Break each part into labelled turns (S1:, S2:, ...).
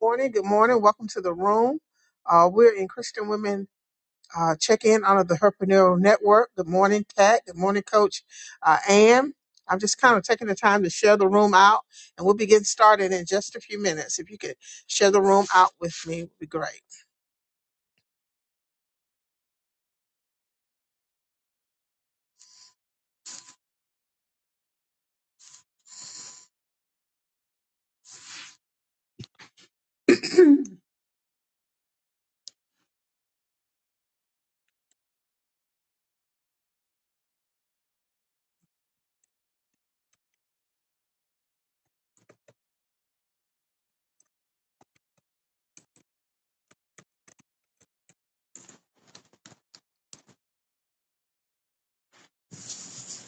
S1: morning. Good morning. Welcome to the room. Uh, we're in Christian Women uh, Check In under the Herpreneur Network. Good morning, Kat. Good morning, Coach uh, Ann. I'm just kind of taking the time to share the room out, and we'll be getting started in just a few minutes. If you could share the room out with me, it would be great.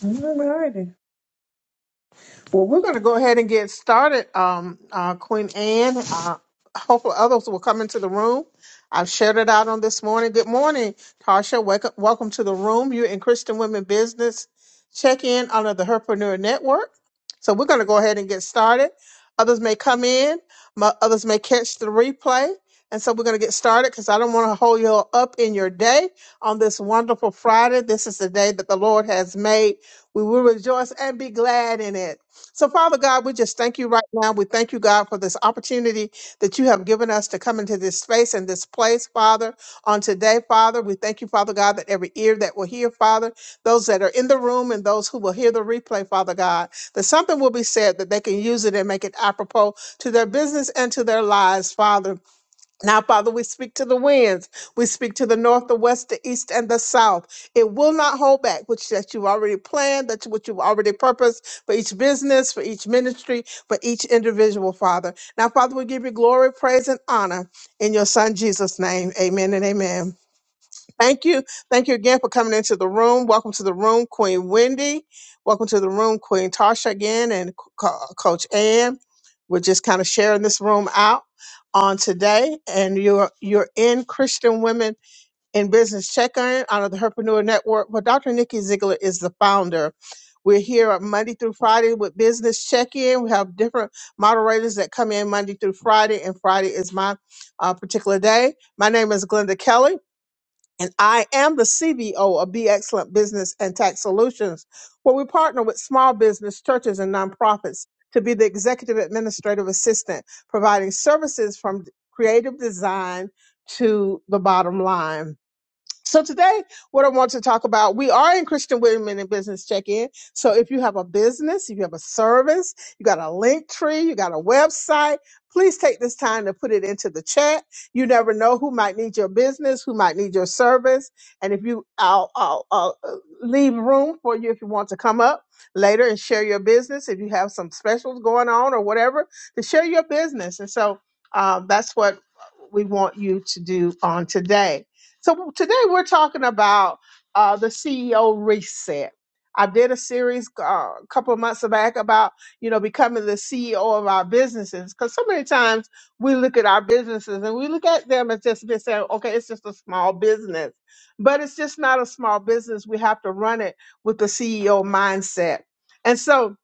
S1: All right. Well, we're going to go ahead and get started. Um, uh, Queen Anne, uh, hopefully others will come into the room. I've shared it out on this morning. Good morning, Tasha. Wake up, welcome to the room. You're in Christian Women Business. Check in under the Herpreneur Network. So we're going to go ahead and get started. Others may come in, mo- others may catch the replay. And so we're going to get started because I don't want to hold you up in your day on this wonderful Friday. This is the day that the Lord has made. We will rejoice and be glad in it. So, Father God, we just thank you right now. We thank you, God, for this opportunity that you have given us to come into this space and this place, Father, on today, Father. We thank you, Father God, that every ear that will hear, Father, those that are in the room and those who will hear the replay, Father God, that something will be said that they can use it and make it apropos to their business and to their lives, Father. Now, Father, we speak to the winds. We speak to the north, the west, the east, and the south. It will not hold back, which that you've already planned, that's what you've already purposed for each business, for each ministry, for each individual, Father. Now, Father, we give you glory, praise, and honor in your Son Jesus' name. Amen and amen. Thank you. Thank you again for coming into the room. Welcome to the room, Queen Wendy. Welcome to the room, Queen Tasha again, and Co- Coach Ann. We're just kind of sharing this room out on today. And you're you're in Christian Women in Business Check-In out of the Herpreneur Network. Well, Dr. Nikki Ziegler is the founder. We're here on Monday through Friday with Business Check-In. We have different moderators that come in Monday through Friday, and Friday is my uh, particular day. My name is Glenda Kelly. And I am the CBO of Be Excellent Business and Tax Solutions, where we partner with small business, churches, and nonprofits to be the executive administrative assistant, providing services from creative design to the bottom line. So today, what I want to talk about, we are in Christian Women in Business Check-In. So if you have a business, if you have a service, you got a link tree, you got a website, please take this time to put it into the chat. You never know who might need your business, who might need your service. And if you, I'll, I'll, I'll uh, leave room for you if you want to come up later and share your business. If you have some specials going on or whatever, to share your business. And so, uh, that's what we want you to do on today. So today we're talking about uh, the CEO reset. I did a series uh, a couple of months back about you know becoming the CEO of our businesses because so many times we look at our businesses and we look at them as just been saying, okay, it's just a small business, but it's just not a small business. We have to run it with the CEO mindset, and so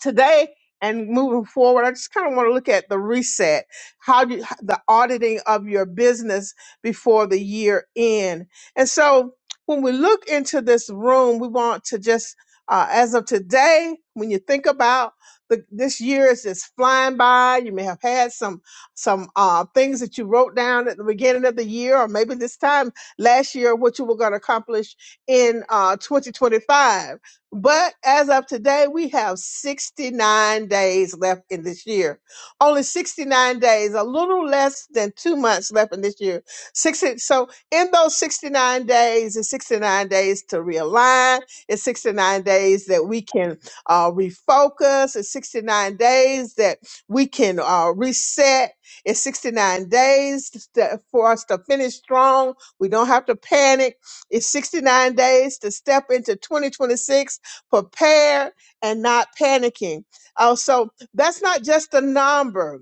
S1: today and moving forward, I just kind of want to look at the reset, how do you, the auditing of your business before the year end. And so when we look into this room, we want to just, uh, as of today, when you think about the, this year is just flying by. You may have had some some uh, things that you wrote down at the beginning of the year, or maybe this time last year, what you were going to accomplish in uh, 2025 but as of today, we have 69 days left in this year. Only 69 days, a little less than two months left in this year. 60, so in those 69 days, it's 69 days to realign. It's 69 days that we can uh, refocus. It's 69 days that we can uh, reset. It's 69 days to, for us to finish strong. We don't have to panic. It's 69 days to step into 2026 prepared and not panicking. Also, that's not just a number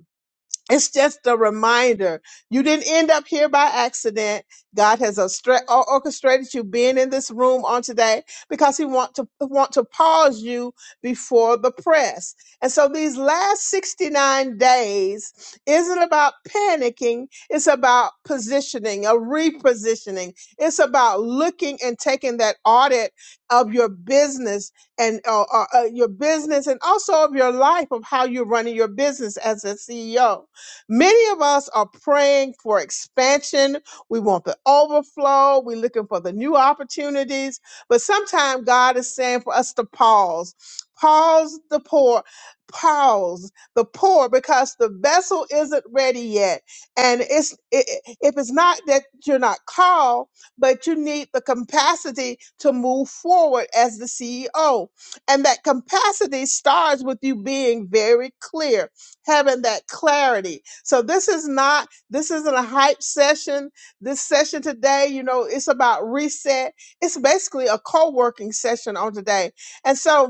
S1: it's just a reminder. You didn't end up here by accident. God has ostra- or- orchestrated you being in this room on today because He want to want to pause you before the press. And so these last 69 days isn't about panicking. It's about positioning, a repositioning. It's about looking and taking that audit of your business and uh, uh, uh, your business and also of your life of how you're running your business as a CEO. Many of us are praying for expansion. We want the overflow. We're looking for the new opportunities. But sometimes God is saying for us to pause, pause the poor, pause the poor because the vessel isn't ready yet. And it's i- i- if it's not that you're not called, but you need the capacity to move forward as the CEO. And that capacity starts with you being very clear having that clarity. So this is not this isn't a hype session. This session today, you know, it's about reset. It's basically a co-working session on today. And so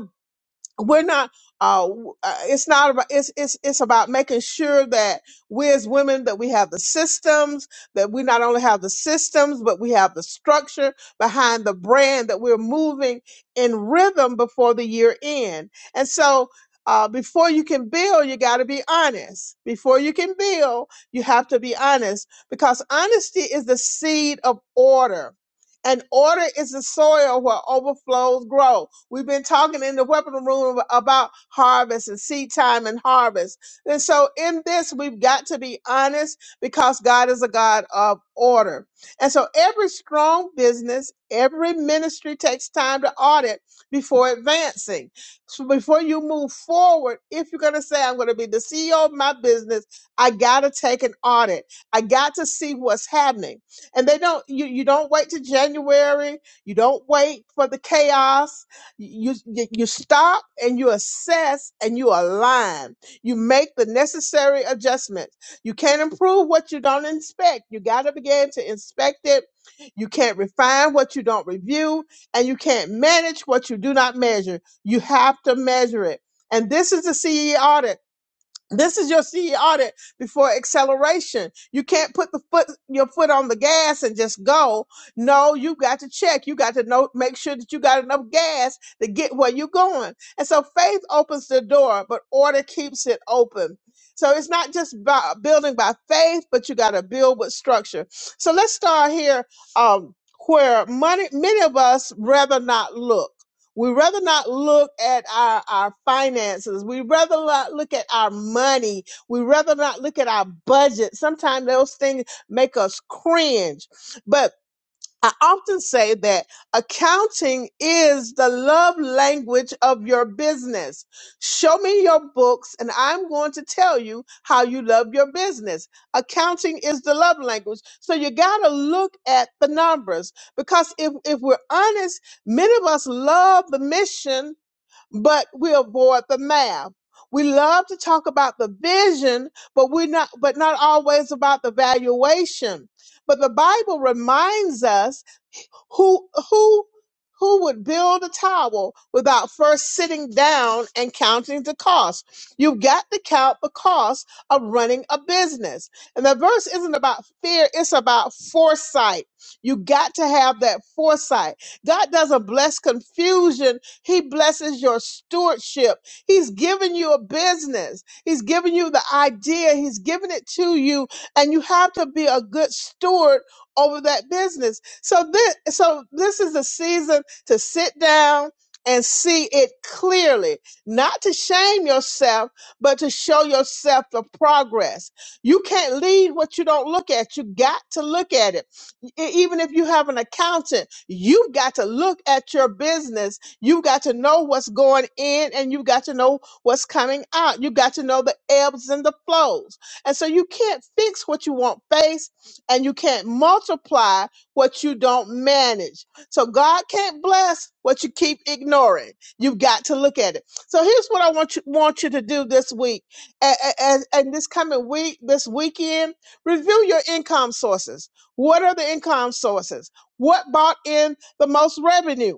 S1: we're not uh w- uh, it's not about it's it's it's about making sure that we as women that we have the systems that we not only have the systems but we have the structure behind the brand that we're moving in rhythm before the year end and so uh, before you can build, you got to be honest. Before you can build, you have to be honest because honesty is the seed of order and order is the soil where overflows grow. We've been talking in the weapon room about harvest and seed time and harvest. And so in this, we've got to be honest because God is a God of order. And so every strong business, every ministry takes time to audit before advancing. So before you move forward, if you're going to say, I'm going to be the CEO of my business, I got to take an audit. I got to see what's happening and they don't you, you don't wait to january you don't wait for the chaos you, you you stop and you assess and you align you make the necessary adjustments you can't improve what you don't inspect you got to begin to inspect it you can't refine what you don't review and you can't manage what you do not measure you have to measure it and this is the CE audit this is your CE audit before acceleration. You can't put the foot your foot on the gas and just go. No, you got to check. You got to know make sure that you got enough gas to get where you're going. And so faith opens the door, but order keeps it open. So it's not just by building by faith, but you got to build with structure. So let's start here um, where money many of us rather not look. We rather not look at our, our finances. We rather not look at our money. We rather not look at our budget. Sometimes those things make us cringe. but. I often say that accounting is the love language of your business. Show me your books, and I'm going to tell you how you love your business. Accounting is the love language. So you got to look at the numbers because if, if we're honest, many of us love the mission, but we avoid the math. We love to talk about the vision, but we're not, but not always about the valuation. But the Bible reminds us who who who would build a tower without first sitting down and counting the cost? You've got to count the cost of running a business. And the verse isn't about fear, it's about foresight. You got to have that foresight. God doesn't bless confusion, He blesses your stewardship. He's given you a business, He's given you the idea, He's given it to you, and you have to be a good steward over that business. So this, so this is a season to sit down and see it clearly, not to shame yourself, but to show yourself the progress. You can't lead what you don't look at. You got to look at it. E- Even if you have an accountant, you've got to look at your business. You've got to know what's going in and you've got to know what's coming out. You've got to know the ebbs and the flows. And so you can't fix what you won't face and you can't multiply what you don't manage. So God can't bless what you keep ignoring. You've got to look at it. So here's what I want you want you to do this week and, and, and this coming week, this weekend, review your income sources. What are the income sources? What brought in the most revenue?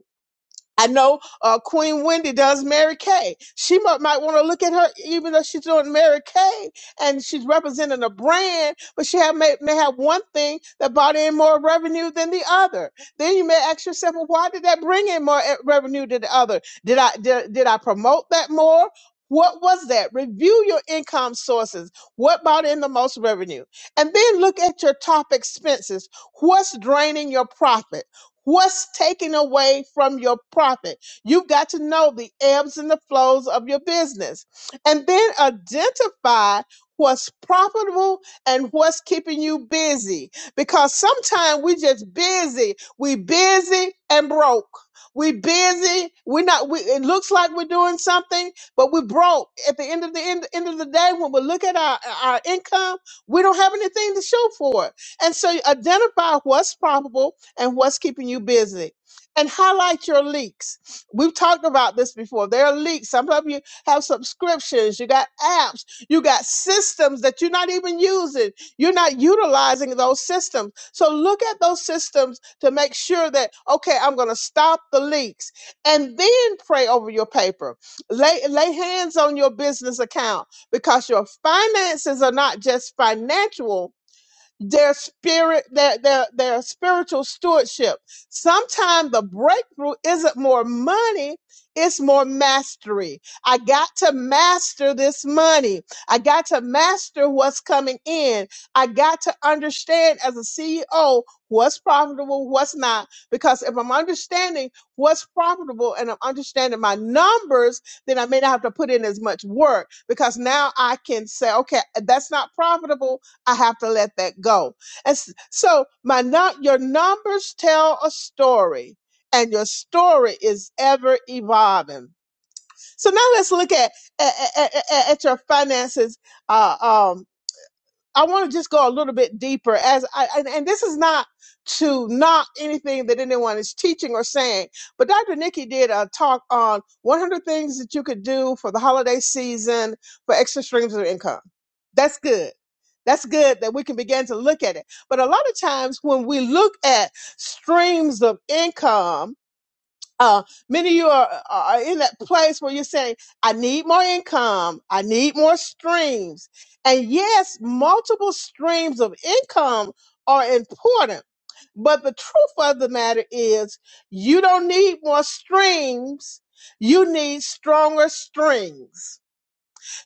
S1: I know uh, Queen Wendy does Mary Kay. She might, might want to look at her, even though she's doing Mary Kay and she's representing a brand, but she have, may, may have one thing that brought in more revenue than the other. Then you may ask yourself, well, why did that bring in more eh, revenue than the other? Did I did, did I promote that more? What was that? Review your income sources. What brought in the most revenue? And then look at your top expenses. What's draining your profit? What's taken away from your profit? You've got to know the ebbs and the flows of your business. And then identify what's profitable and what's keeping you busy. Because sometimes we just busy. We busy and broke. We busy. We're not, we, it looks like we're doing something, but we're broke. At the end of the end, end of the day, when we look at our, our income, we don't have anything to show for it. And so you identify what's profitable and what's keeping you busy. And highlight your leaks. We've talked about this before. There are leaks. Some of you have subscriptions, you got apps, you got systems that you're not even using. You're not utilizing those systems. So look at those systems to make sure that, okay, I'm going to stop the leaks. And then pray over your paper. Lay, lay hands on your business account because your finances are not just financial their spirit their their, their spiritual stewardship sometimes the breakthrough isn't more money it's more mastery i got to master this money i got to master what's coming in i got to understand as a ceo what's profitable what's not because if i'm understanding what's profitable and i'm understanding my numbers then i may not have to put in as much work because now i can say okay that's not profitable I have to let that go. And s- so my not your numbers tell a story and your story is ever evolving. So now let's look at at, at, at at your finances. Uh, um, I want to just go a little bit deeper as I, and, and this is not to knock anything that anyone is teaching or saying, but Dr. Nikki did a talk on 100 things that you could do for the holiday season for extra streams of income. That's good. That's good that we can begin to look at it. But a lot of times when we look at streams of income, uh, many of you are, are in that place where you're saying, I need more income. I need more streams. And yes, multiple streams of income are important. But the truth of the matter is, you don't need more streams. You need stronger strings.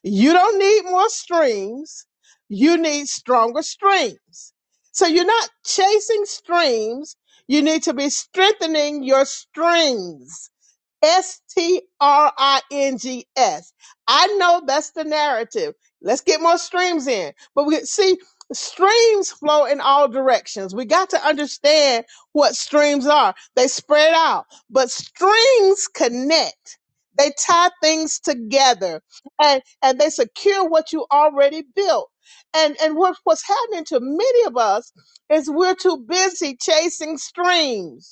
S1: You don't need more streams. You need stronger streams. So you're not chasing streams. You need to be strengthening your strings. S T R I N G S. I know that's the narrative. Let's get more streams in. But we see streams flow in all directions. We got to understand what streams are. They spread out, but strings connect. They tie things together and, and they secure what you already built. And, and what, what's happening to many of us is we're too busy chasing streams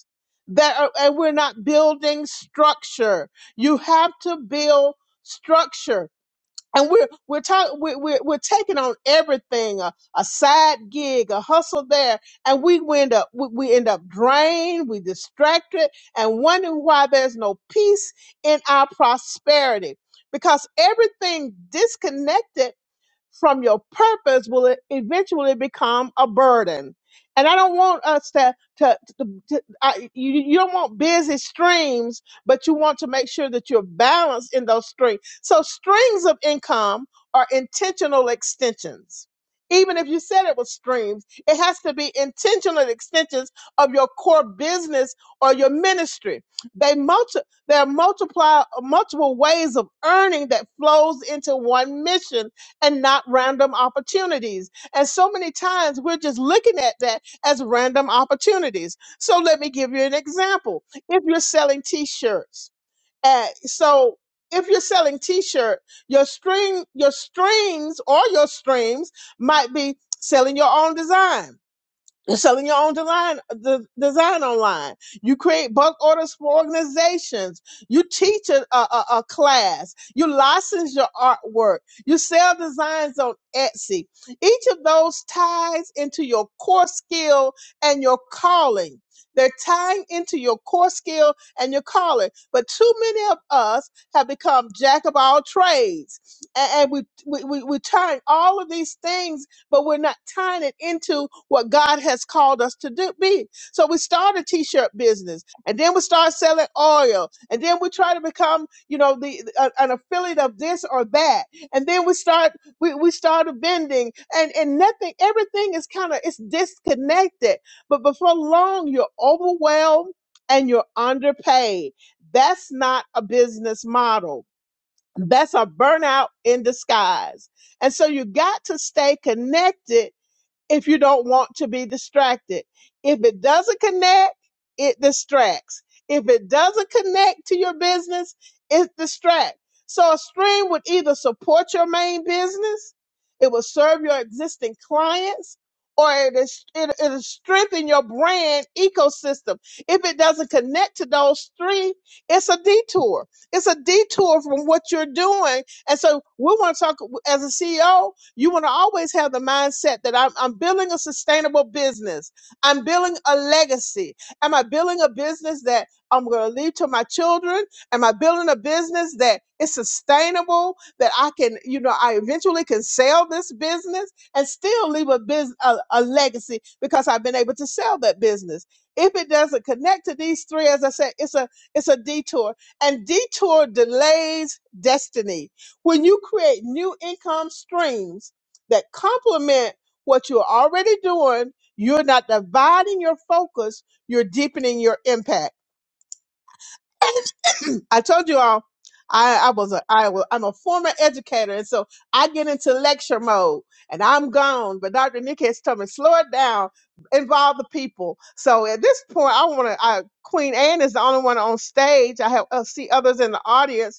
S1: that are, and we're not building structure. You have to build structure. And we're we're talking we're, we're we're taking on everything a, a side gig a hustle there and we we end up we, we end up drained we distracted and wondering why there's no peace in our prosperity because everything disconnected from your purpose will it eventually become a burden. And I don't want us to to, to, to- I, you, you don't want busy streams, but you want to make sure that you're balanced in those streams. So streams of income are intentional extensions. Even if you said it was streams, it has to be intentional extensions of your core business or your ministry. They multi- there are multiply multiple ways of earning that flows into one mission and not random opportunities. And so many times we're just looking at that as random opportunities. So let me give you an example. If you're selling t-shirts, uh, so if you're selling t-shirt, your string, your strings or your streams might be selling your own design you're selling your own design, the design online. You create bulk orders for organizations. You teach a, a, a a class. You license your artwork. You sell designs on Etsy. Each of those ties into your core skill and your calling. They're tying into your core skill and your calling. But too many of us have become jack of all trades. And, and we, we, we, we turn all of these things but we're not tying it into what God has called us to do be. So we start a t-shirt business and then we start selling oil and then we try to become, you know, the uh, an affiliate of this or that. And then we start we, we start a vending and and nothing everything is kind of it's disconnected. But before long you're overwhelmed and you're underpaid. That's not a business model. That's a burnout in disguise. And so you got to stay connected if you don't want to be distracted. If it doesn't connect, it distracts. If it doesn't connect to your business, it distracts. So a stream would either support your main business, it will serve your existing clients, or it is it, it'll strengthen your brand ecosystem. If it doesn't connect to those three, it's a detour. It's a detour from what you're doing. And so we want to talk as a CEO. You want to always have the mindset that I'm, I'm building a sustainable business. I'm building a legacy. Am I building a business that I'm going to leave to my children? Am I building a business that is sustainable, that I can, you know, I eventually can sell this business and still leave a, business, a, a legacy because I've been able to sell that business? If it doesn't connect to these three, as I said, it's a it's a detour. And detour delays destiny when you create new income streams that complement what you're already doing, you're not dividing your focus, you're deepening your impact. I told you all I, I was a I was I'm a former educator and so I get into lecture mode and I'm gone. But Dr. Nick has told me slow it down, involve the people. So at this point I wanna I Queen Anne is the only one on stage. I have I see others in the audience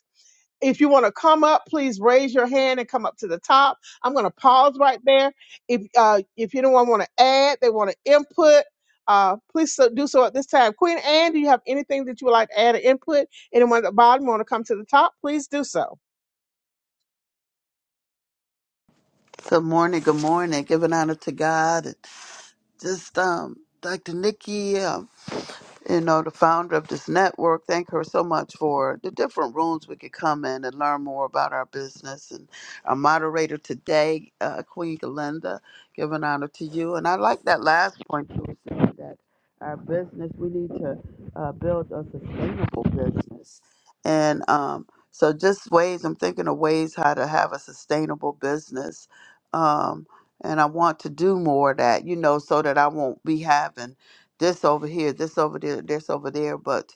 S1: if you want to come up, please raise your hand and come up to the top. I'm going to pause right there. If uh, if anyone want to add, they want to input, uh, please so, do so at this time. Queen Anne, do you have anything that you would like to add or input? Anyone at the bottom want to come to the top? Please do so.
S2: Good morning, good morning. Giving honor to God and just um Dr. Nikki. uh, you know, the founder of this network. Thank her so much for the different rooms we could come in and learn more about our business. And our moderator today, uh, Queen Galinda, giving honor to you. And I like that last point you were saying that our business, we need to uh, build a sustainable business. And um, so, just ways, I'm thinking of ways how to have a sustainable business. Um, and I want to do more of that, you know, so that I won't be having this over here, this over there, this over there, but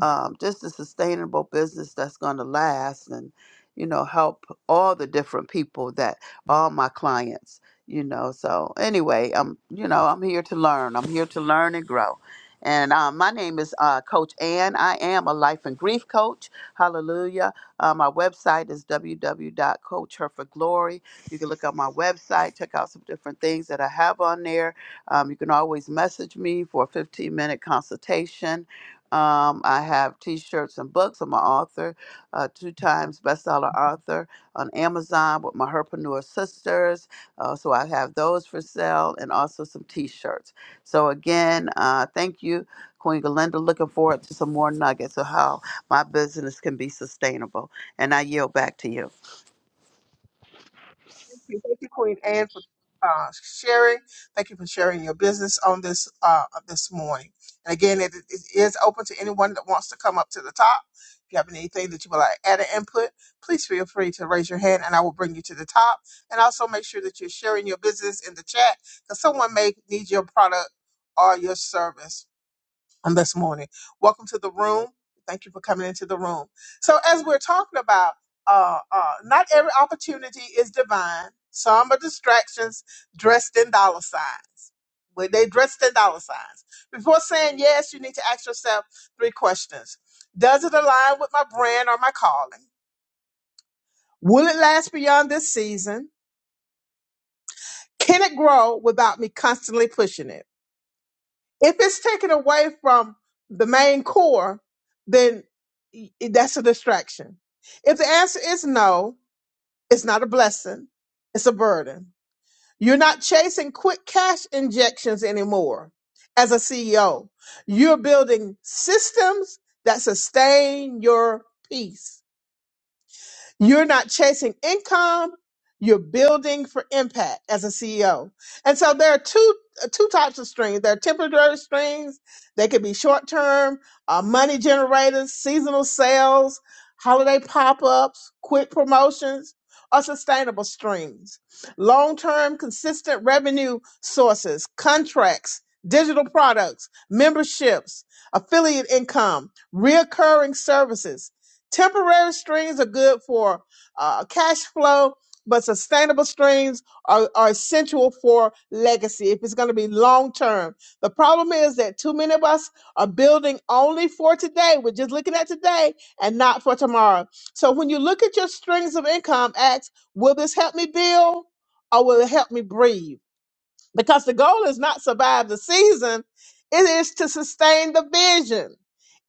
S2: um, just a sustainable business that's going to last and, you know, help all the different people that, all my clients, you know. So, anyway, I'm, you know, I'm here to learn. I'm here to learn and grow. And um, my name is uh, Coach Ann. I am a life and grief coach. Hallelujah. Uh, my website is www.coachherforglory. You can look up my website, check out some different things that I have on there um, you can always message me for a 15 minute consultation. Um, I have t shirts and books. I'm an author, uh, two times bestseller author on Amazon with my Herpreneur Sisters. Uh, so I have those for sale and also some t shirts. So again, uh, thank you, Queen Galinda. Looking forward to some more nuggets of how my business can be sustainable. And I yield back to you.
S1: Thank you, Thank you, Queen Anne, for uh, sharing. Thank you for sharing your business on this uh, this morning. And again, it, it is open to anyone that wants to come up to the top. If you have anything that you would like add an input, please feel free to raise your hand, and I will bring you to the top. And also make sure that you're sharing your business in the chat because someone may need your product or your service on this morning. Welcome to the room. Thank you for coming into the room. So, as we're talking about, uh, uh, not every opportunity is divine. Some are distractions dressed in dollar signs. Well, they dressed in dollar signs. Before saying yes, you need to ask yourself three questions: Does it align with my brand or my calling? Will it last beyond this season? Can it grow without me constantly pushing it? if it's taken away from the main core, then y- that's a distraction. If the answer is no, it's not a blessing, it's a burden. You're not chasing quick cash injections anymore as a CEO. You're building systems that sustain your peace. You're not chasing income, you're building for impact as a CEO. And so there are two uh, two types of strings. There are temporary strings. They could be short-term, uh, money generators, seasonal sales, holiday pop-ups, quick promotions, or sustainable strings. Long-term consistent revenue sources, contracts, digital products, memberships, affiliate income, reoccurring services, Temporary streams are good for uh, cash flow, but sustainable streams are, are essential for legacy if it's going to be long term. The problem is that too many of us are building only for today. We're just looking at today and not for tomorrow. So when you look at your streams of income, ask, will this help me build or will it help me breathe? because the goal is not survive the season it is to sustain the vision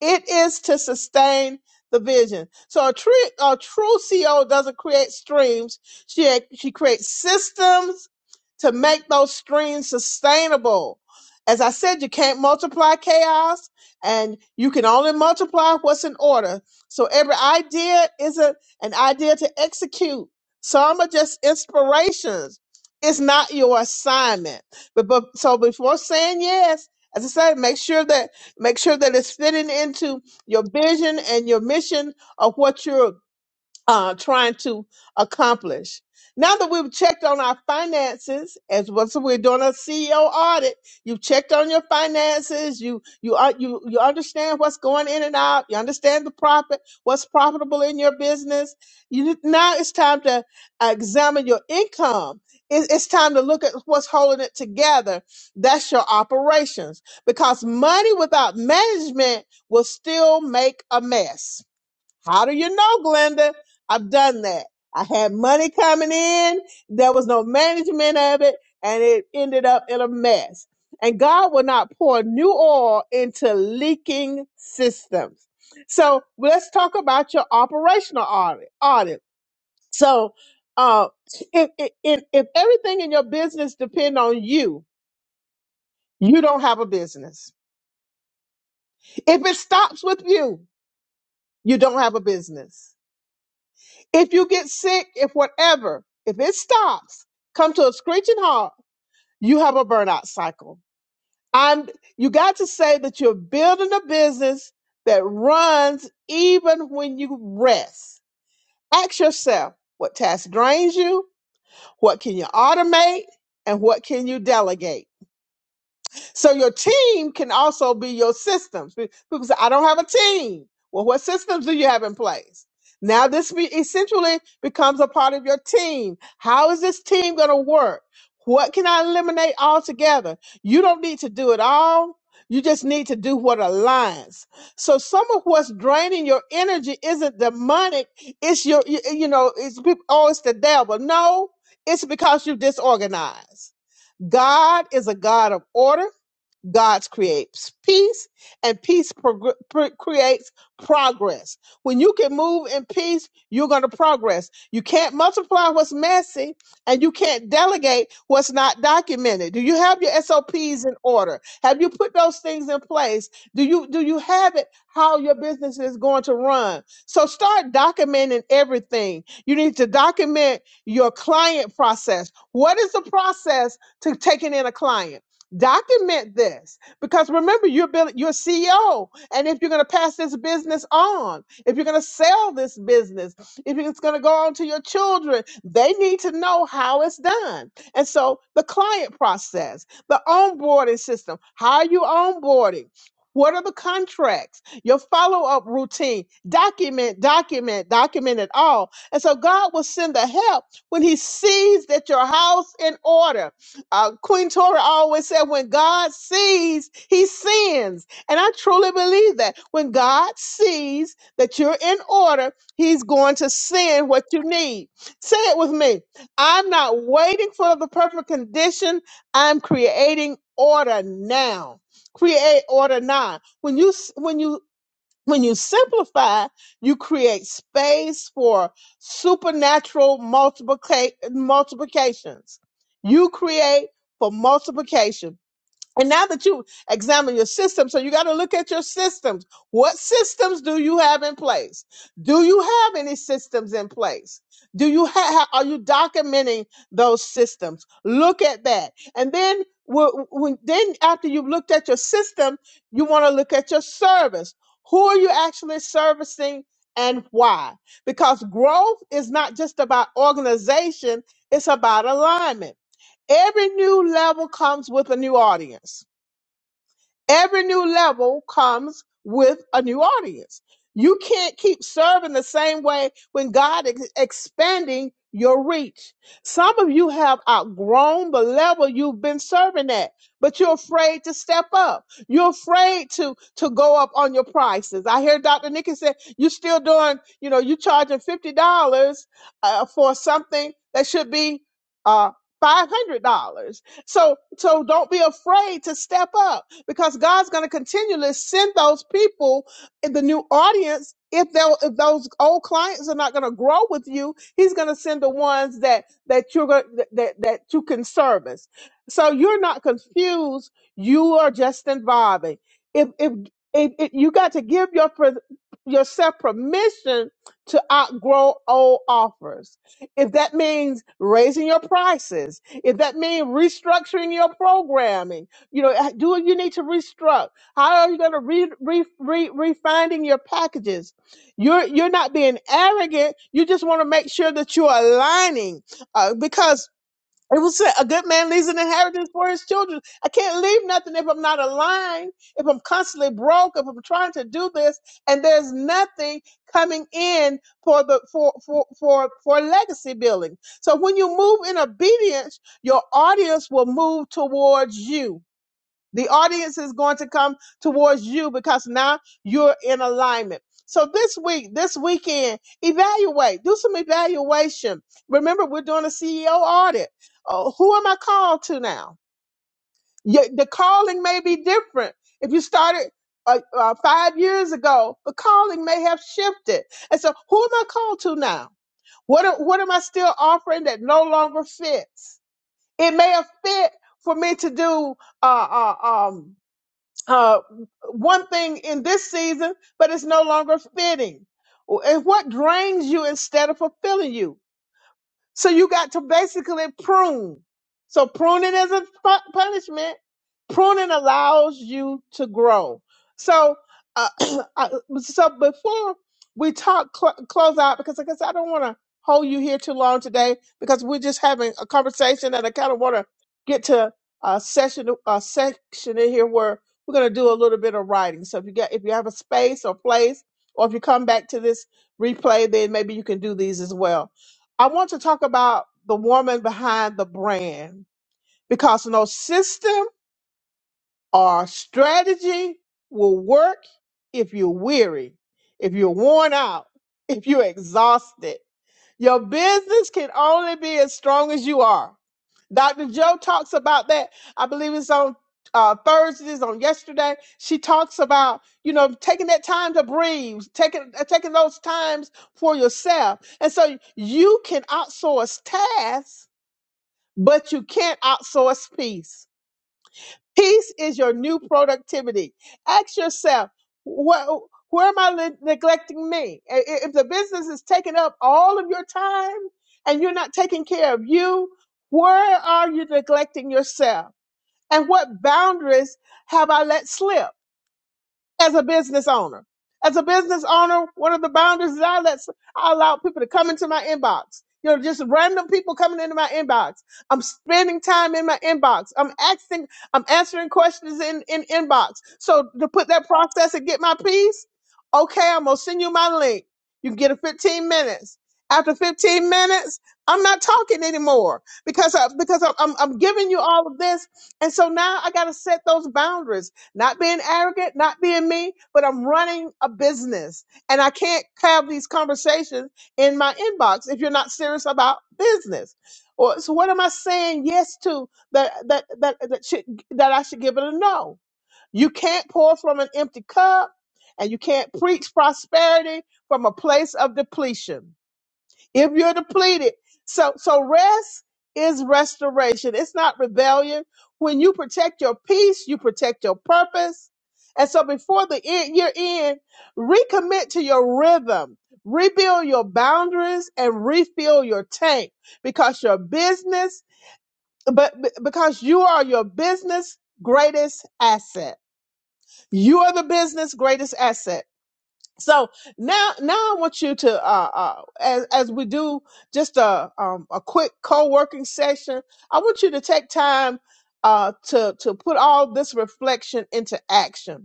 S1: it is to sustain the vision so a true a true CO doesn't create streams she she creates systems to make those streams sustainable as i said you can't multiply chaos and you can only multiply what's in order so every idea is a, an idea to execute some are just inspirations it's not your assignment. But, but so before saying yes, as I said, make sure that make sure that it's fitting into your vision and your mission of what you're uh, trying to accomplish. Now that we've checked on our finances, as well, so we're doing a CEO audit, you've checked on your finances, you you are you you understand what's going in and out, you understand the profit, what's profitable in your business. You now it's time to examine your income. It- It's time to look at what's holding it together. That's your operations, because money without management will still make a mess how do you know, Glenda? I've done that. I had money coming in. There was no management of it and it ended up in a mess. And God will not pour new oil into leaking systems. So let's talk about your operational audit. audit. So, uh, if, if, if everything in your business depends on you, you don't have a business. If it stops with you, you don't have a business. If you get sick, if whatever, if it stops, come to a screeching halt, you have a burnout cycle. I'm you got to say that you're building a business that runs even when you rest. Ask yourself what task drains you, what can you automate, and what can you delegate? So your team can also be your systems. Pe- People say, I don't have a team. Well, what systems do you have in place? Now this be essentially becomes a part of your team. How is this team going to work? What can I eliminate altogether? You don't need to do it all. You just need to do what aligns. So some of what's draining your energy isn't demonic. It's your, you, you know, it's people, oh, it's the devil. No, it's because you're disorganized. God is a God of order. God creates peace, and peace prog- pr- creates progress. When you can move in peace, you're going to progress. You can't multiply what's messy, and you can't delegate what's not documented. Do you have your SOPs in order? Have you put those things in place? Do you do you have it how your business is going to run? So start documenting everything. You need to document your client process. What is the process to taking in a client? document this because remember you're building you're a ceo and if you're going to pass this business on if you're going to sell this business if it's going to go on to your children they need to know how it's done and so the client process the onboarding system how are you onboarding what are the contracts your follow-up routine document document document it all and so god will send the help when he sees that your house in order uh, Queen Tora always said, when God sees, he sends. And I truly believe that. When God sees that you're in order, he's going to send what you need. Say it with me. I'm not waiting for the perfect condition. I'm creating order now. Create order now. When you s- when you when you simplify, you create space for supernatural multiplica- multiplications. You create for multiplication. And now that you examine your system, so you got to look at your systems. What systems do you have in place? Do you have any systems in place? Do you have, are you documenting those systems? Look at that. And then wh- when, then after you've looked at your system, you want to look at your service. Who are you actually servicing and why? Because growth is not just about organization, it's about alignment. Every new level comes with a new audience Every new level comes with a new audience. You can't keep serving the same way when God is expanding your reach. Some of you have outgrown the level you've been serving at, but you're afraid to step up. You're afraid to to go up on your prices. I hear Dr. Nikki say you're still doing, you know, you're charging fifty dollars uh, for something that should be uh, five hundred dollars. So so don't be afraid to step up because God's going to continually send those people in the new audience. If, they if those old clients are not going to grow with you, he's going to send the ones that that you're go- that, that that you can service. So you're not confused. You are just involving. If if, if, if you got to give your per- yourself permission to outgrow old offers, if that means raising your prices, if that means restructuring your programming you know, uh, do what you need to restruct? How are you going to re, re, re, refining your packages? You're you're not being arrogant. You just want to make sure that you're aligning, uh, because it was said, a good man leaves an inheritance for his children. I can't leave nothing if I'm not aligned. If I'm constantly broke, if I'm trying to do this, and there's nothing coming in for the for for for for legacy building. So when you move in obedience, your audience will move towards you the audience is going to come towards you because now you're in alignment. So this week, this weekend, evaluate, do some evaluation. Remember, we're doing a CEO audit. Uh, who am I called to now? Your- the calling may be different. If you started uh, uh, five years ago, the calling may have shifted. And so, who am I called to now? What, a- what am I still offering that no longer fits? It may have fit for me to do uh, uh, um, uh, one thing in this season, but it's no longer fitting. And what drains you instead of fulfilling you? So you got to basically prune. So pruning isn't pu- punishment. Pruning allows you to grow. So, uh, uh, so before we talk cl- close out, because I guess I don't want to hold you here too long today, because we're just having a conversation, and I kind of want to get to a session, a section in here where we're going to do a little bit of writing. So if you get, if you have a space or place, or if you come back to this replay, then maybe you can do these as well I want to talk about the woman behind the brand because no system or strategy will work if you're weary, if you're worn out, if you're exhausted. Your business can only be as strong as you are. Dr. Joe talks about that. I believe it's on uh, Thursdays, on yesterday. She talks about, you know, taking that time to breathe, taking, uh, taking those times for yourself. And so you can outsource tasks but you can't outsource peace. Peace is your new productivity. Ask yourself, what, where am I le- neglecting me? I- i- If the business is taking up all of your time and you're not taking care of you, where are you neglecting yourself? And what boundaries have I let slip? as a business owner. As a business owner, one of the boundaries is I let I allow people to come into my inbox. You know, just random people coming into my inbox. I'm spending time in my inbox. I'm asking, I'm answering questions in in inbox. So to put that process and get my piece, okay, I'm gonna send you my link. You can get a 15 minutes. After 15 minutes, I'm not talking anymore because I, because I'm, I'm I'm giving you all of this, and so now I got to set those boundaries not being arrogant, not being me, but I'm running a business and I can't have these conversations in my inbox if you're not serious about business. Or so what am I saying yes to that that that that, should, that I should give it a no? You can't pour from an empty cup and you can't preach prosperity from a place of depletion if you're depleted. So so rest is restoration. It's not rebellion. When you protect your peace, you protect your purpose. And so before the end, year end, recommit to your rhythm, rebuild your boundaries, and refill your tank because your business, but but- because you are your business greatest asset. You are the business greatest asset. So now, now I want you to, uh, uh, as, as we do just a, um, a quick co-working session, I want you to take time, uh, to, to put all this reflection into action.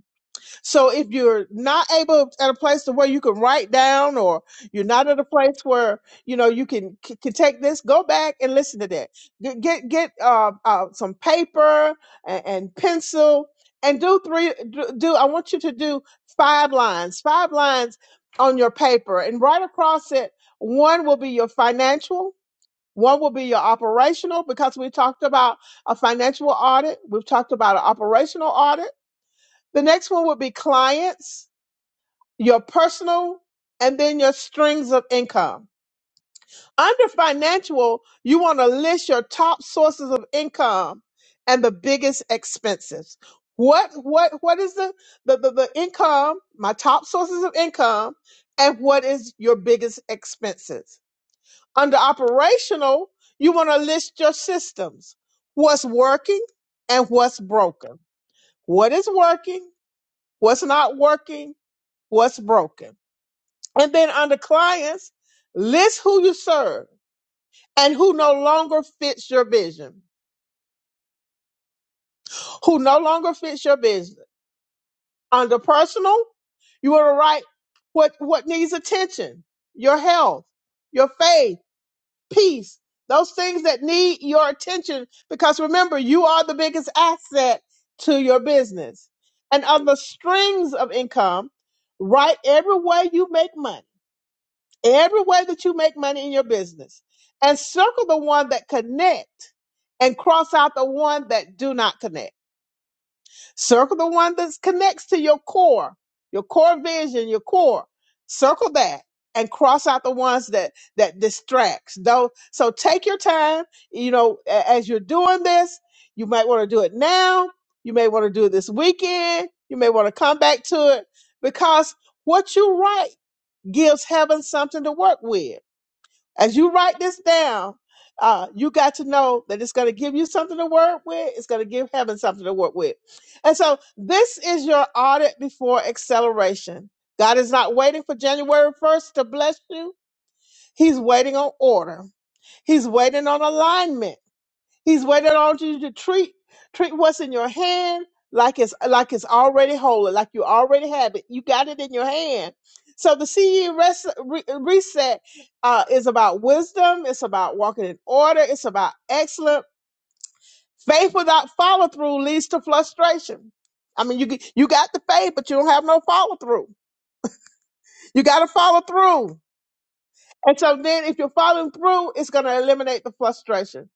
S1: So if you're not able at a place to where you can write down or you're not at a place where, you know, you can, c- can take this, go back and listen to that. Get, get, get uh, uh, some paper and, and pencil and do three, do, do, I want you to do five lines, five lines on your paper and right across it. One will be your financial. One will be your operational because we talked about a financial audit. We've talked about an operational audit the next one would be clients, your personal, and then your strings of income. Under financial, you want to list your top sources of income and the biggest expenses. What what what is the the, the, the income, my top sources of income, and what is your biggest expenses? Under operational, you want to list your systems. What's working and what's broken. What is working? What's not working? what's broken. And then under clients, list who you serve and who no longer fits your vision, who no longer fits your business. Under personal, you want to write what, what needs attention, your health, your faith, peace, those things that need your attention. Because remember, you are the biggest asset to your business. And on the strings of income, write every way you make money every way that you make money in your business and circle the one that connect and cross out the one that do not connect circle the one that connects to your core your core vision your core circle that and cross out the ones that that distracts though so take your time you know a- as you're doing this you might want to do it now you may want to do it this weekend you may want to come back to it because what you write gives heaven something to work with as you write this down, uh, you got to know that it's going to give you something to work with. It's going to give heaven something to work with. And so this is your audit before acceleration. God is not waiting for January 1st to bless you. He's waiting on order. He's waiting on alignment. He's waiting on you to treat treat what's in your hand like it's like it's already holy, like you already have it. You got it in your hand. So the CE res- re- reset uh, is about wisdom. It's about walking in order. It's about excellent faith without follow through leads to frustration. I mean, you g- you got the faith, but you don't have no follow through. You got to follow through. And so then if you're following through, it's going to eliminate the frustration.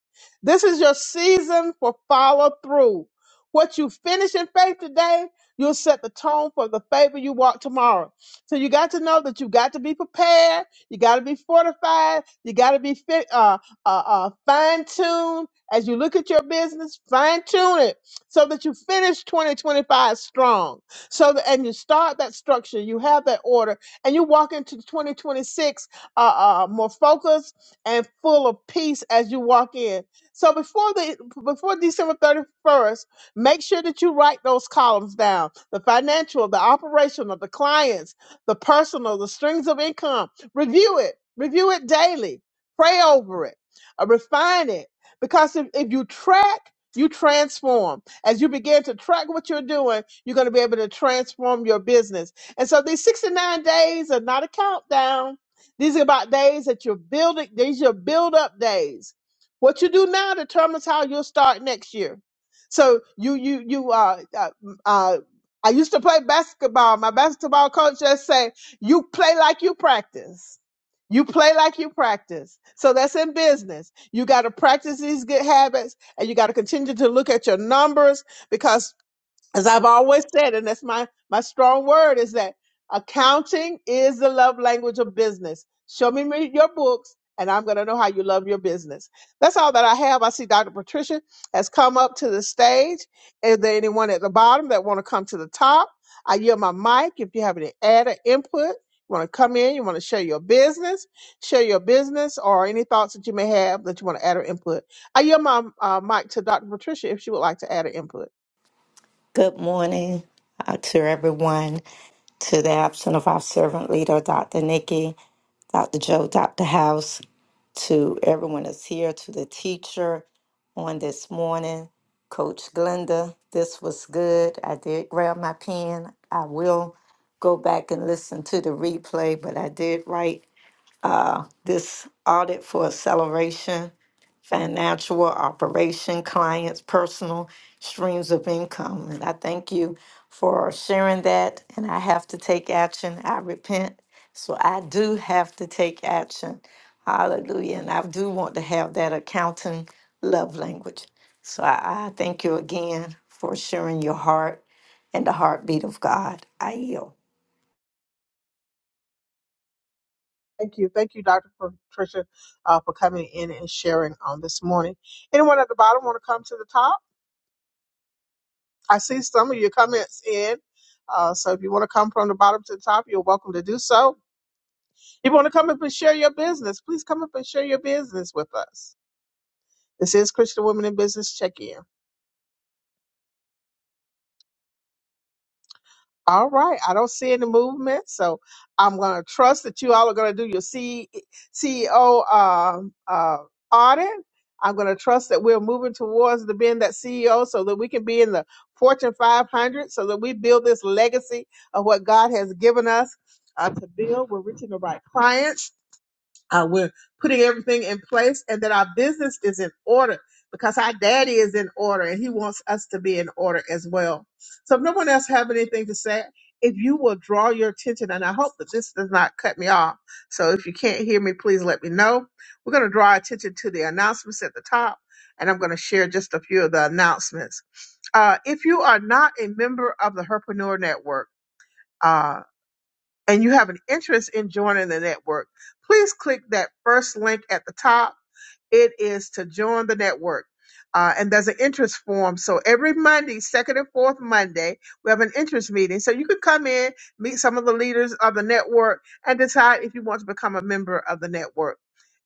S1: This is your season for follow through. What you finish in faith today, you'll set the tone for the favor you walk tomorrow. So you got to know that you got to be prepared. You got to be fortified. You got to be fit, uh, uh, uh, fine tuned as you look at your business. Fine tune it so that you finish 2025 strong. So that, and you start that structure. You have that order, and you walk into 2026 uh, uh, more focused and full of peace as you walk in. So before the before December thirty first, make sure that you write those columns down: the financial, the operational, the clients, the personal, the strings of income. Review it. Review it daily. Pray over it. Uh, refine it. Because if, if you track, you transform. As you begin to track what you're doing, you're going to be able to transform your business. And so these 69 days are not a countdown. These are about days that you're building, these are your build up days. What you do now determines how you'll start next year. So you, you, you, uh, uh, uh, I used to play basketball. My basketball coach just say, you play like you practice. You play like you practice. So that's in business. You got to practice these good habits and you got to continue to look at your numbers because as I've always said, and that's my my strong word is that accounting is the love language of business. Show me me your books, and I'm going to know how you love your business. That's all that I have. I see Dr. Patricia has come up to the stage. Is there anyone at the bottom that want to come to the top? I yield my mic. If you have any added input, you want to come in, you want to share your business, share your business, or any thoughts that you may have that you want to add or input. I yield my uh, mic to Dr. Patricia if she would like to add an input.
S3: Good morning uh, to everyone, to the absent of our servant leader, Dr. Nikki, Dr. Joe, Dr. House, to everyone that's here, to the teacher on this morning, Coach Glenda. This was good. I did grab my pen. I will go back and listen to the replay, but I did write this audit for acceleration financial operation clients personal streams of income and i thank you for sharing that and i have to take action i repent so i do have to take action hallelujah and i do want to have that accounting love language so i, I thank you again for sharing your heart and the heartbeat of god i yield
S1: Thank you. Thank you, Dr. Patricia, uh, for coming in and sharing on this morning. Anyone at the bottom want to come to the top? I see some of your comments in. Uh, so if you want to come from the bottom to the top, you're welcome to do so. If you want to come up and share your business, please come up and share your business with us. This is Christian Women in Business Check In. All right. I don't see any movement, so I'm going to trust that you all are going to do your C- CEO um, uh, audit. I'm going to trust that we're moving towards the being that CEO so that we can be in the Fortune 500 so that we build this legacy of what God has given us uh, to build. We're reaching the right clients uh, we're putting everything in place and that our business is in order because our daddy is in order and he wants us to be in order as well. So if no one else have anything to say, if you will draw your attention, and I hope that this does not cut me off. So if you can't hear me, please let me know. We're going to draw our attention to the announcements at the top, and I'm going to share just a few of the announcements. Uh, if you are not a member of the Herpreneur Network, uh, and you have an interest in joining the network, please click that first link at the top it is to join the network. Uh, and there's an interest form. So every Monday, second and fourth Monday, we have an interest meeting. So you could come in, meet some of the leaders of the network, and decide if you want to become a member of the network.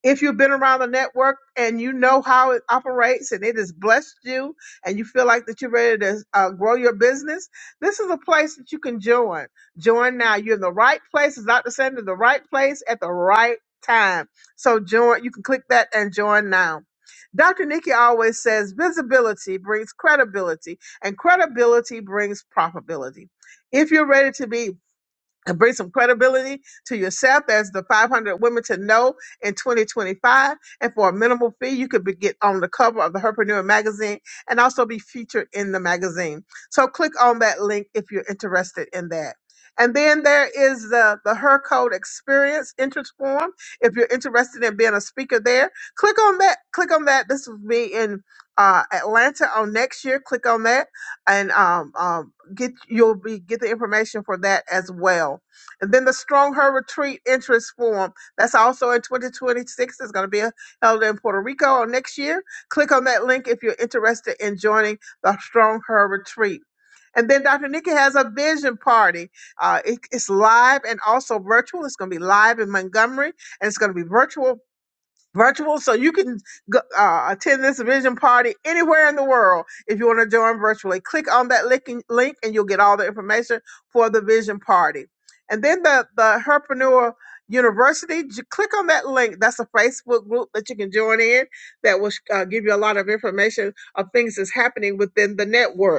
S1: If you've been around the network and you know how it operates and it has blessed you and you feel like that you're ready to uh, grow your business, this is a place that you can join. Join now. You're in the right place, as Dr. Sandra, the right place at the right time so join, you can click that and join now. Dr. Nikki always says visibility brings credibility and credibility brings probability. If you're ready to be and bring some credibility to yourself as the 500 women to know in 2025. And for a minimal fee, you could be, get on the cover of the Herpreneur magazine and also be featured in the magazine. So click on that link if you're interested in that. And then there is the, the Her Code Experience entrance form. If you're interested in being a speaker there, click on that. Click on that. This will be in uh, Atlanta on next year. Click on that. And um, um, get you'll be get the information for that as well. And then the Strong Her Retreat Interest Forum. That's also in 2026. It's going to be uh, held in Puerto Rico next year. Click on that link if you're interested in joining the Strong Her Retreat. And then Dr. Nikki has a vision party. Uh, it- it's live and also virtual. It's going to be live in Montgomery, and it's going to be virtual virtual. So you can go, uh, attend this vision party anywhere in the world if you want to join virtually. Click on that linking- link and you'll get all the information for the vision party. And then the, the Herpreneur University, j- click on that link. That's a Facebook group that you can join in that will uh, give you a lot of information of things that's happening within the network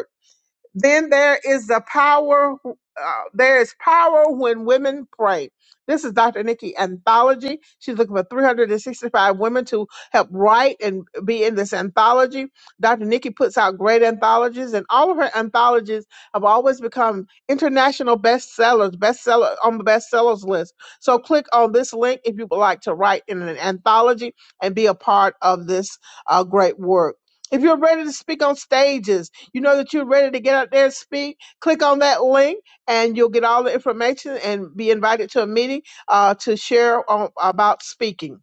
S1: then there is the power. Uh, there is power when women pray. This is Dr. Nikki Anthology. She's looking for 365 women to help write and be in this anthology. Dr. Nikki puts out great anthologies, and all of her anthologies have always become international bestsellers, bestseller on the bestsellers list. So click on this link if you would like to write in an anthology and be a part of this uh, great work. If you're ready to speak on stages, you know that you're ready to get out there and speak, click on that link and you'll get all the information and be invited to a meeting uh, to share on, about speaking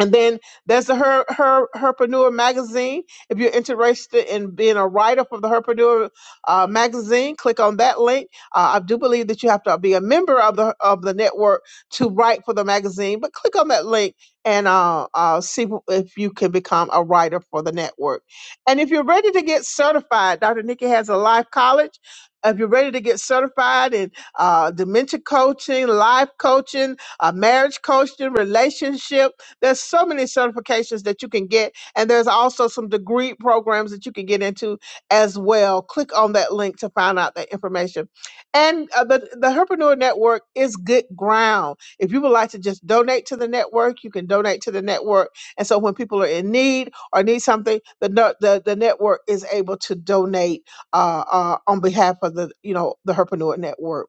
S1: and then there's the her her herpreneur magazine if you're interested in being a writer for the herpreneur uh, magazine click on that link uh, i do believe that you have to be a member of the of the network to write for the magazine but click on that link and uh, uh, see wh- if you can become a writer for the network and if you're ready to get certified dr nikki has a live college if you're ready to get certified in uh, dementia coaching life coaching uh, marriage coaching relationship there's so many certifications that you can get, and there's also some degree programs that you can get into as well. Click on that link to find out that information. And uh, the the Herpreneur Network is good ground. If you would like to just donate to the network, you can donate to the network. And so when people are in need or need something, the no- the, the network is able to donate uh, uh, on behalf of the you know the Herpreneur Network.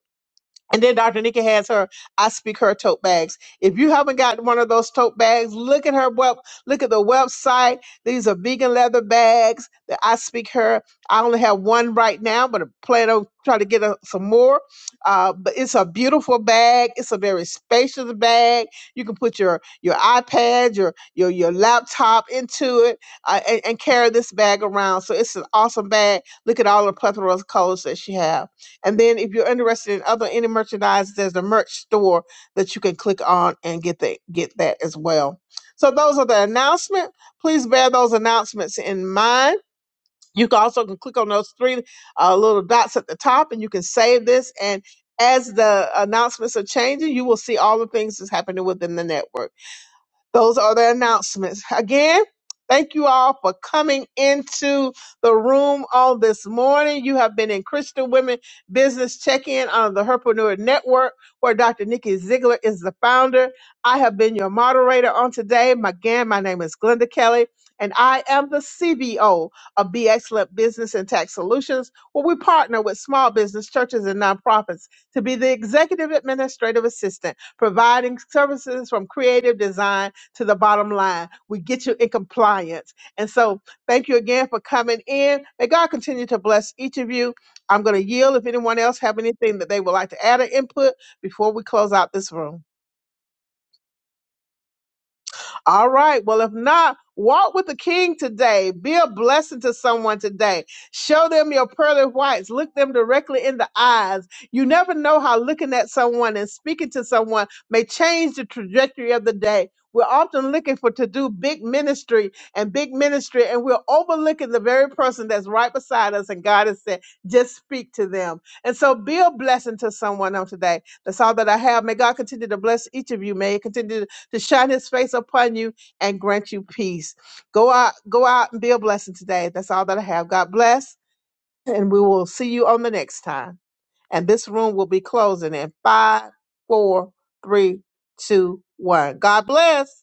S1: And then Dr. Nikki has her I Speak Her tote bags. If you haven't got one of those tote bags, look at her web, look at the website. These are vegan leather bags that I Speak Her. I only have one right now, but I plan on trying to get a, some more. Uh, but it's a beautiful bag. It's a very spacious bag. You can put your your iPad, your your your laptop into it, uh, and, and carry this bag around. So it's an awesome bag. Look at all the plethora of colors that she have. And then if you're interested in other any merchandise, there's a merch store that you can click on and get that get that as well. So those are the announcement. Please bear those announcements in mind. You can also can click on those three uh, little dots at the top, and you can save this. And as the announcements are changing, you will see all the things that's happening within the network. Those are the announcements. Again, thank you all for coming into the room all this morning. You have been in Christian Women Business Check-In on the Herpreneur Network, where Dr. Nikki Ziegler is the founder. I have been your moderator on today. My- Again, my name is Glenda Kelly, and I am the CBO of Be Excellent Business and Tax Solutions, where we partner with small business churches and nonprofits to be the executive administrative assistant providing services from creative design to the bottom line. We get you in compliance. And so thank you again for coming in. May God continue to bless each of you. I'm going to yield if anyone else have anything that they would like to add or input before we close out this room. All right. Well, if not, walk with the king today. Be a blessing to someone today. Show them your pearly whites. Look them directly in the eyes. You never know how looking at someone and speaking to someone may change the trajectory of the day. We're often looking for to do big ministry and big ministry, and we're overlooking the very person that's right beside us. And God has said, just speak to them. And so be a blessing to someone on today. That's all that I have. May God continue to bless each of you. May He continue to shine his face upon you and grant you peace. Go out, go out and be a blessing today. That's all that I have. God bless. And we will see you on the next time. And this room will be closing in five, four, three, two, one. God bless.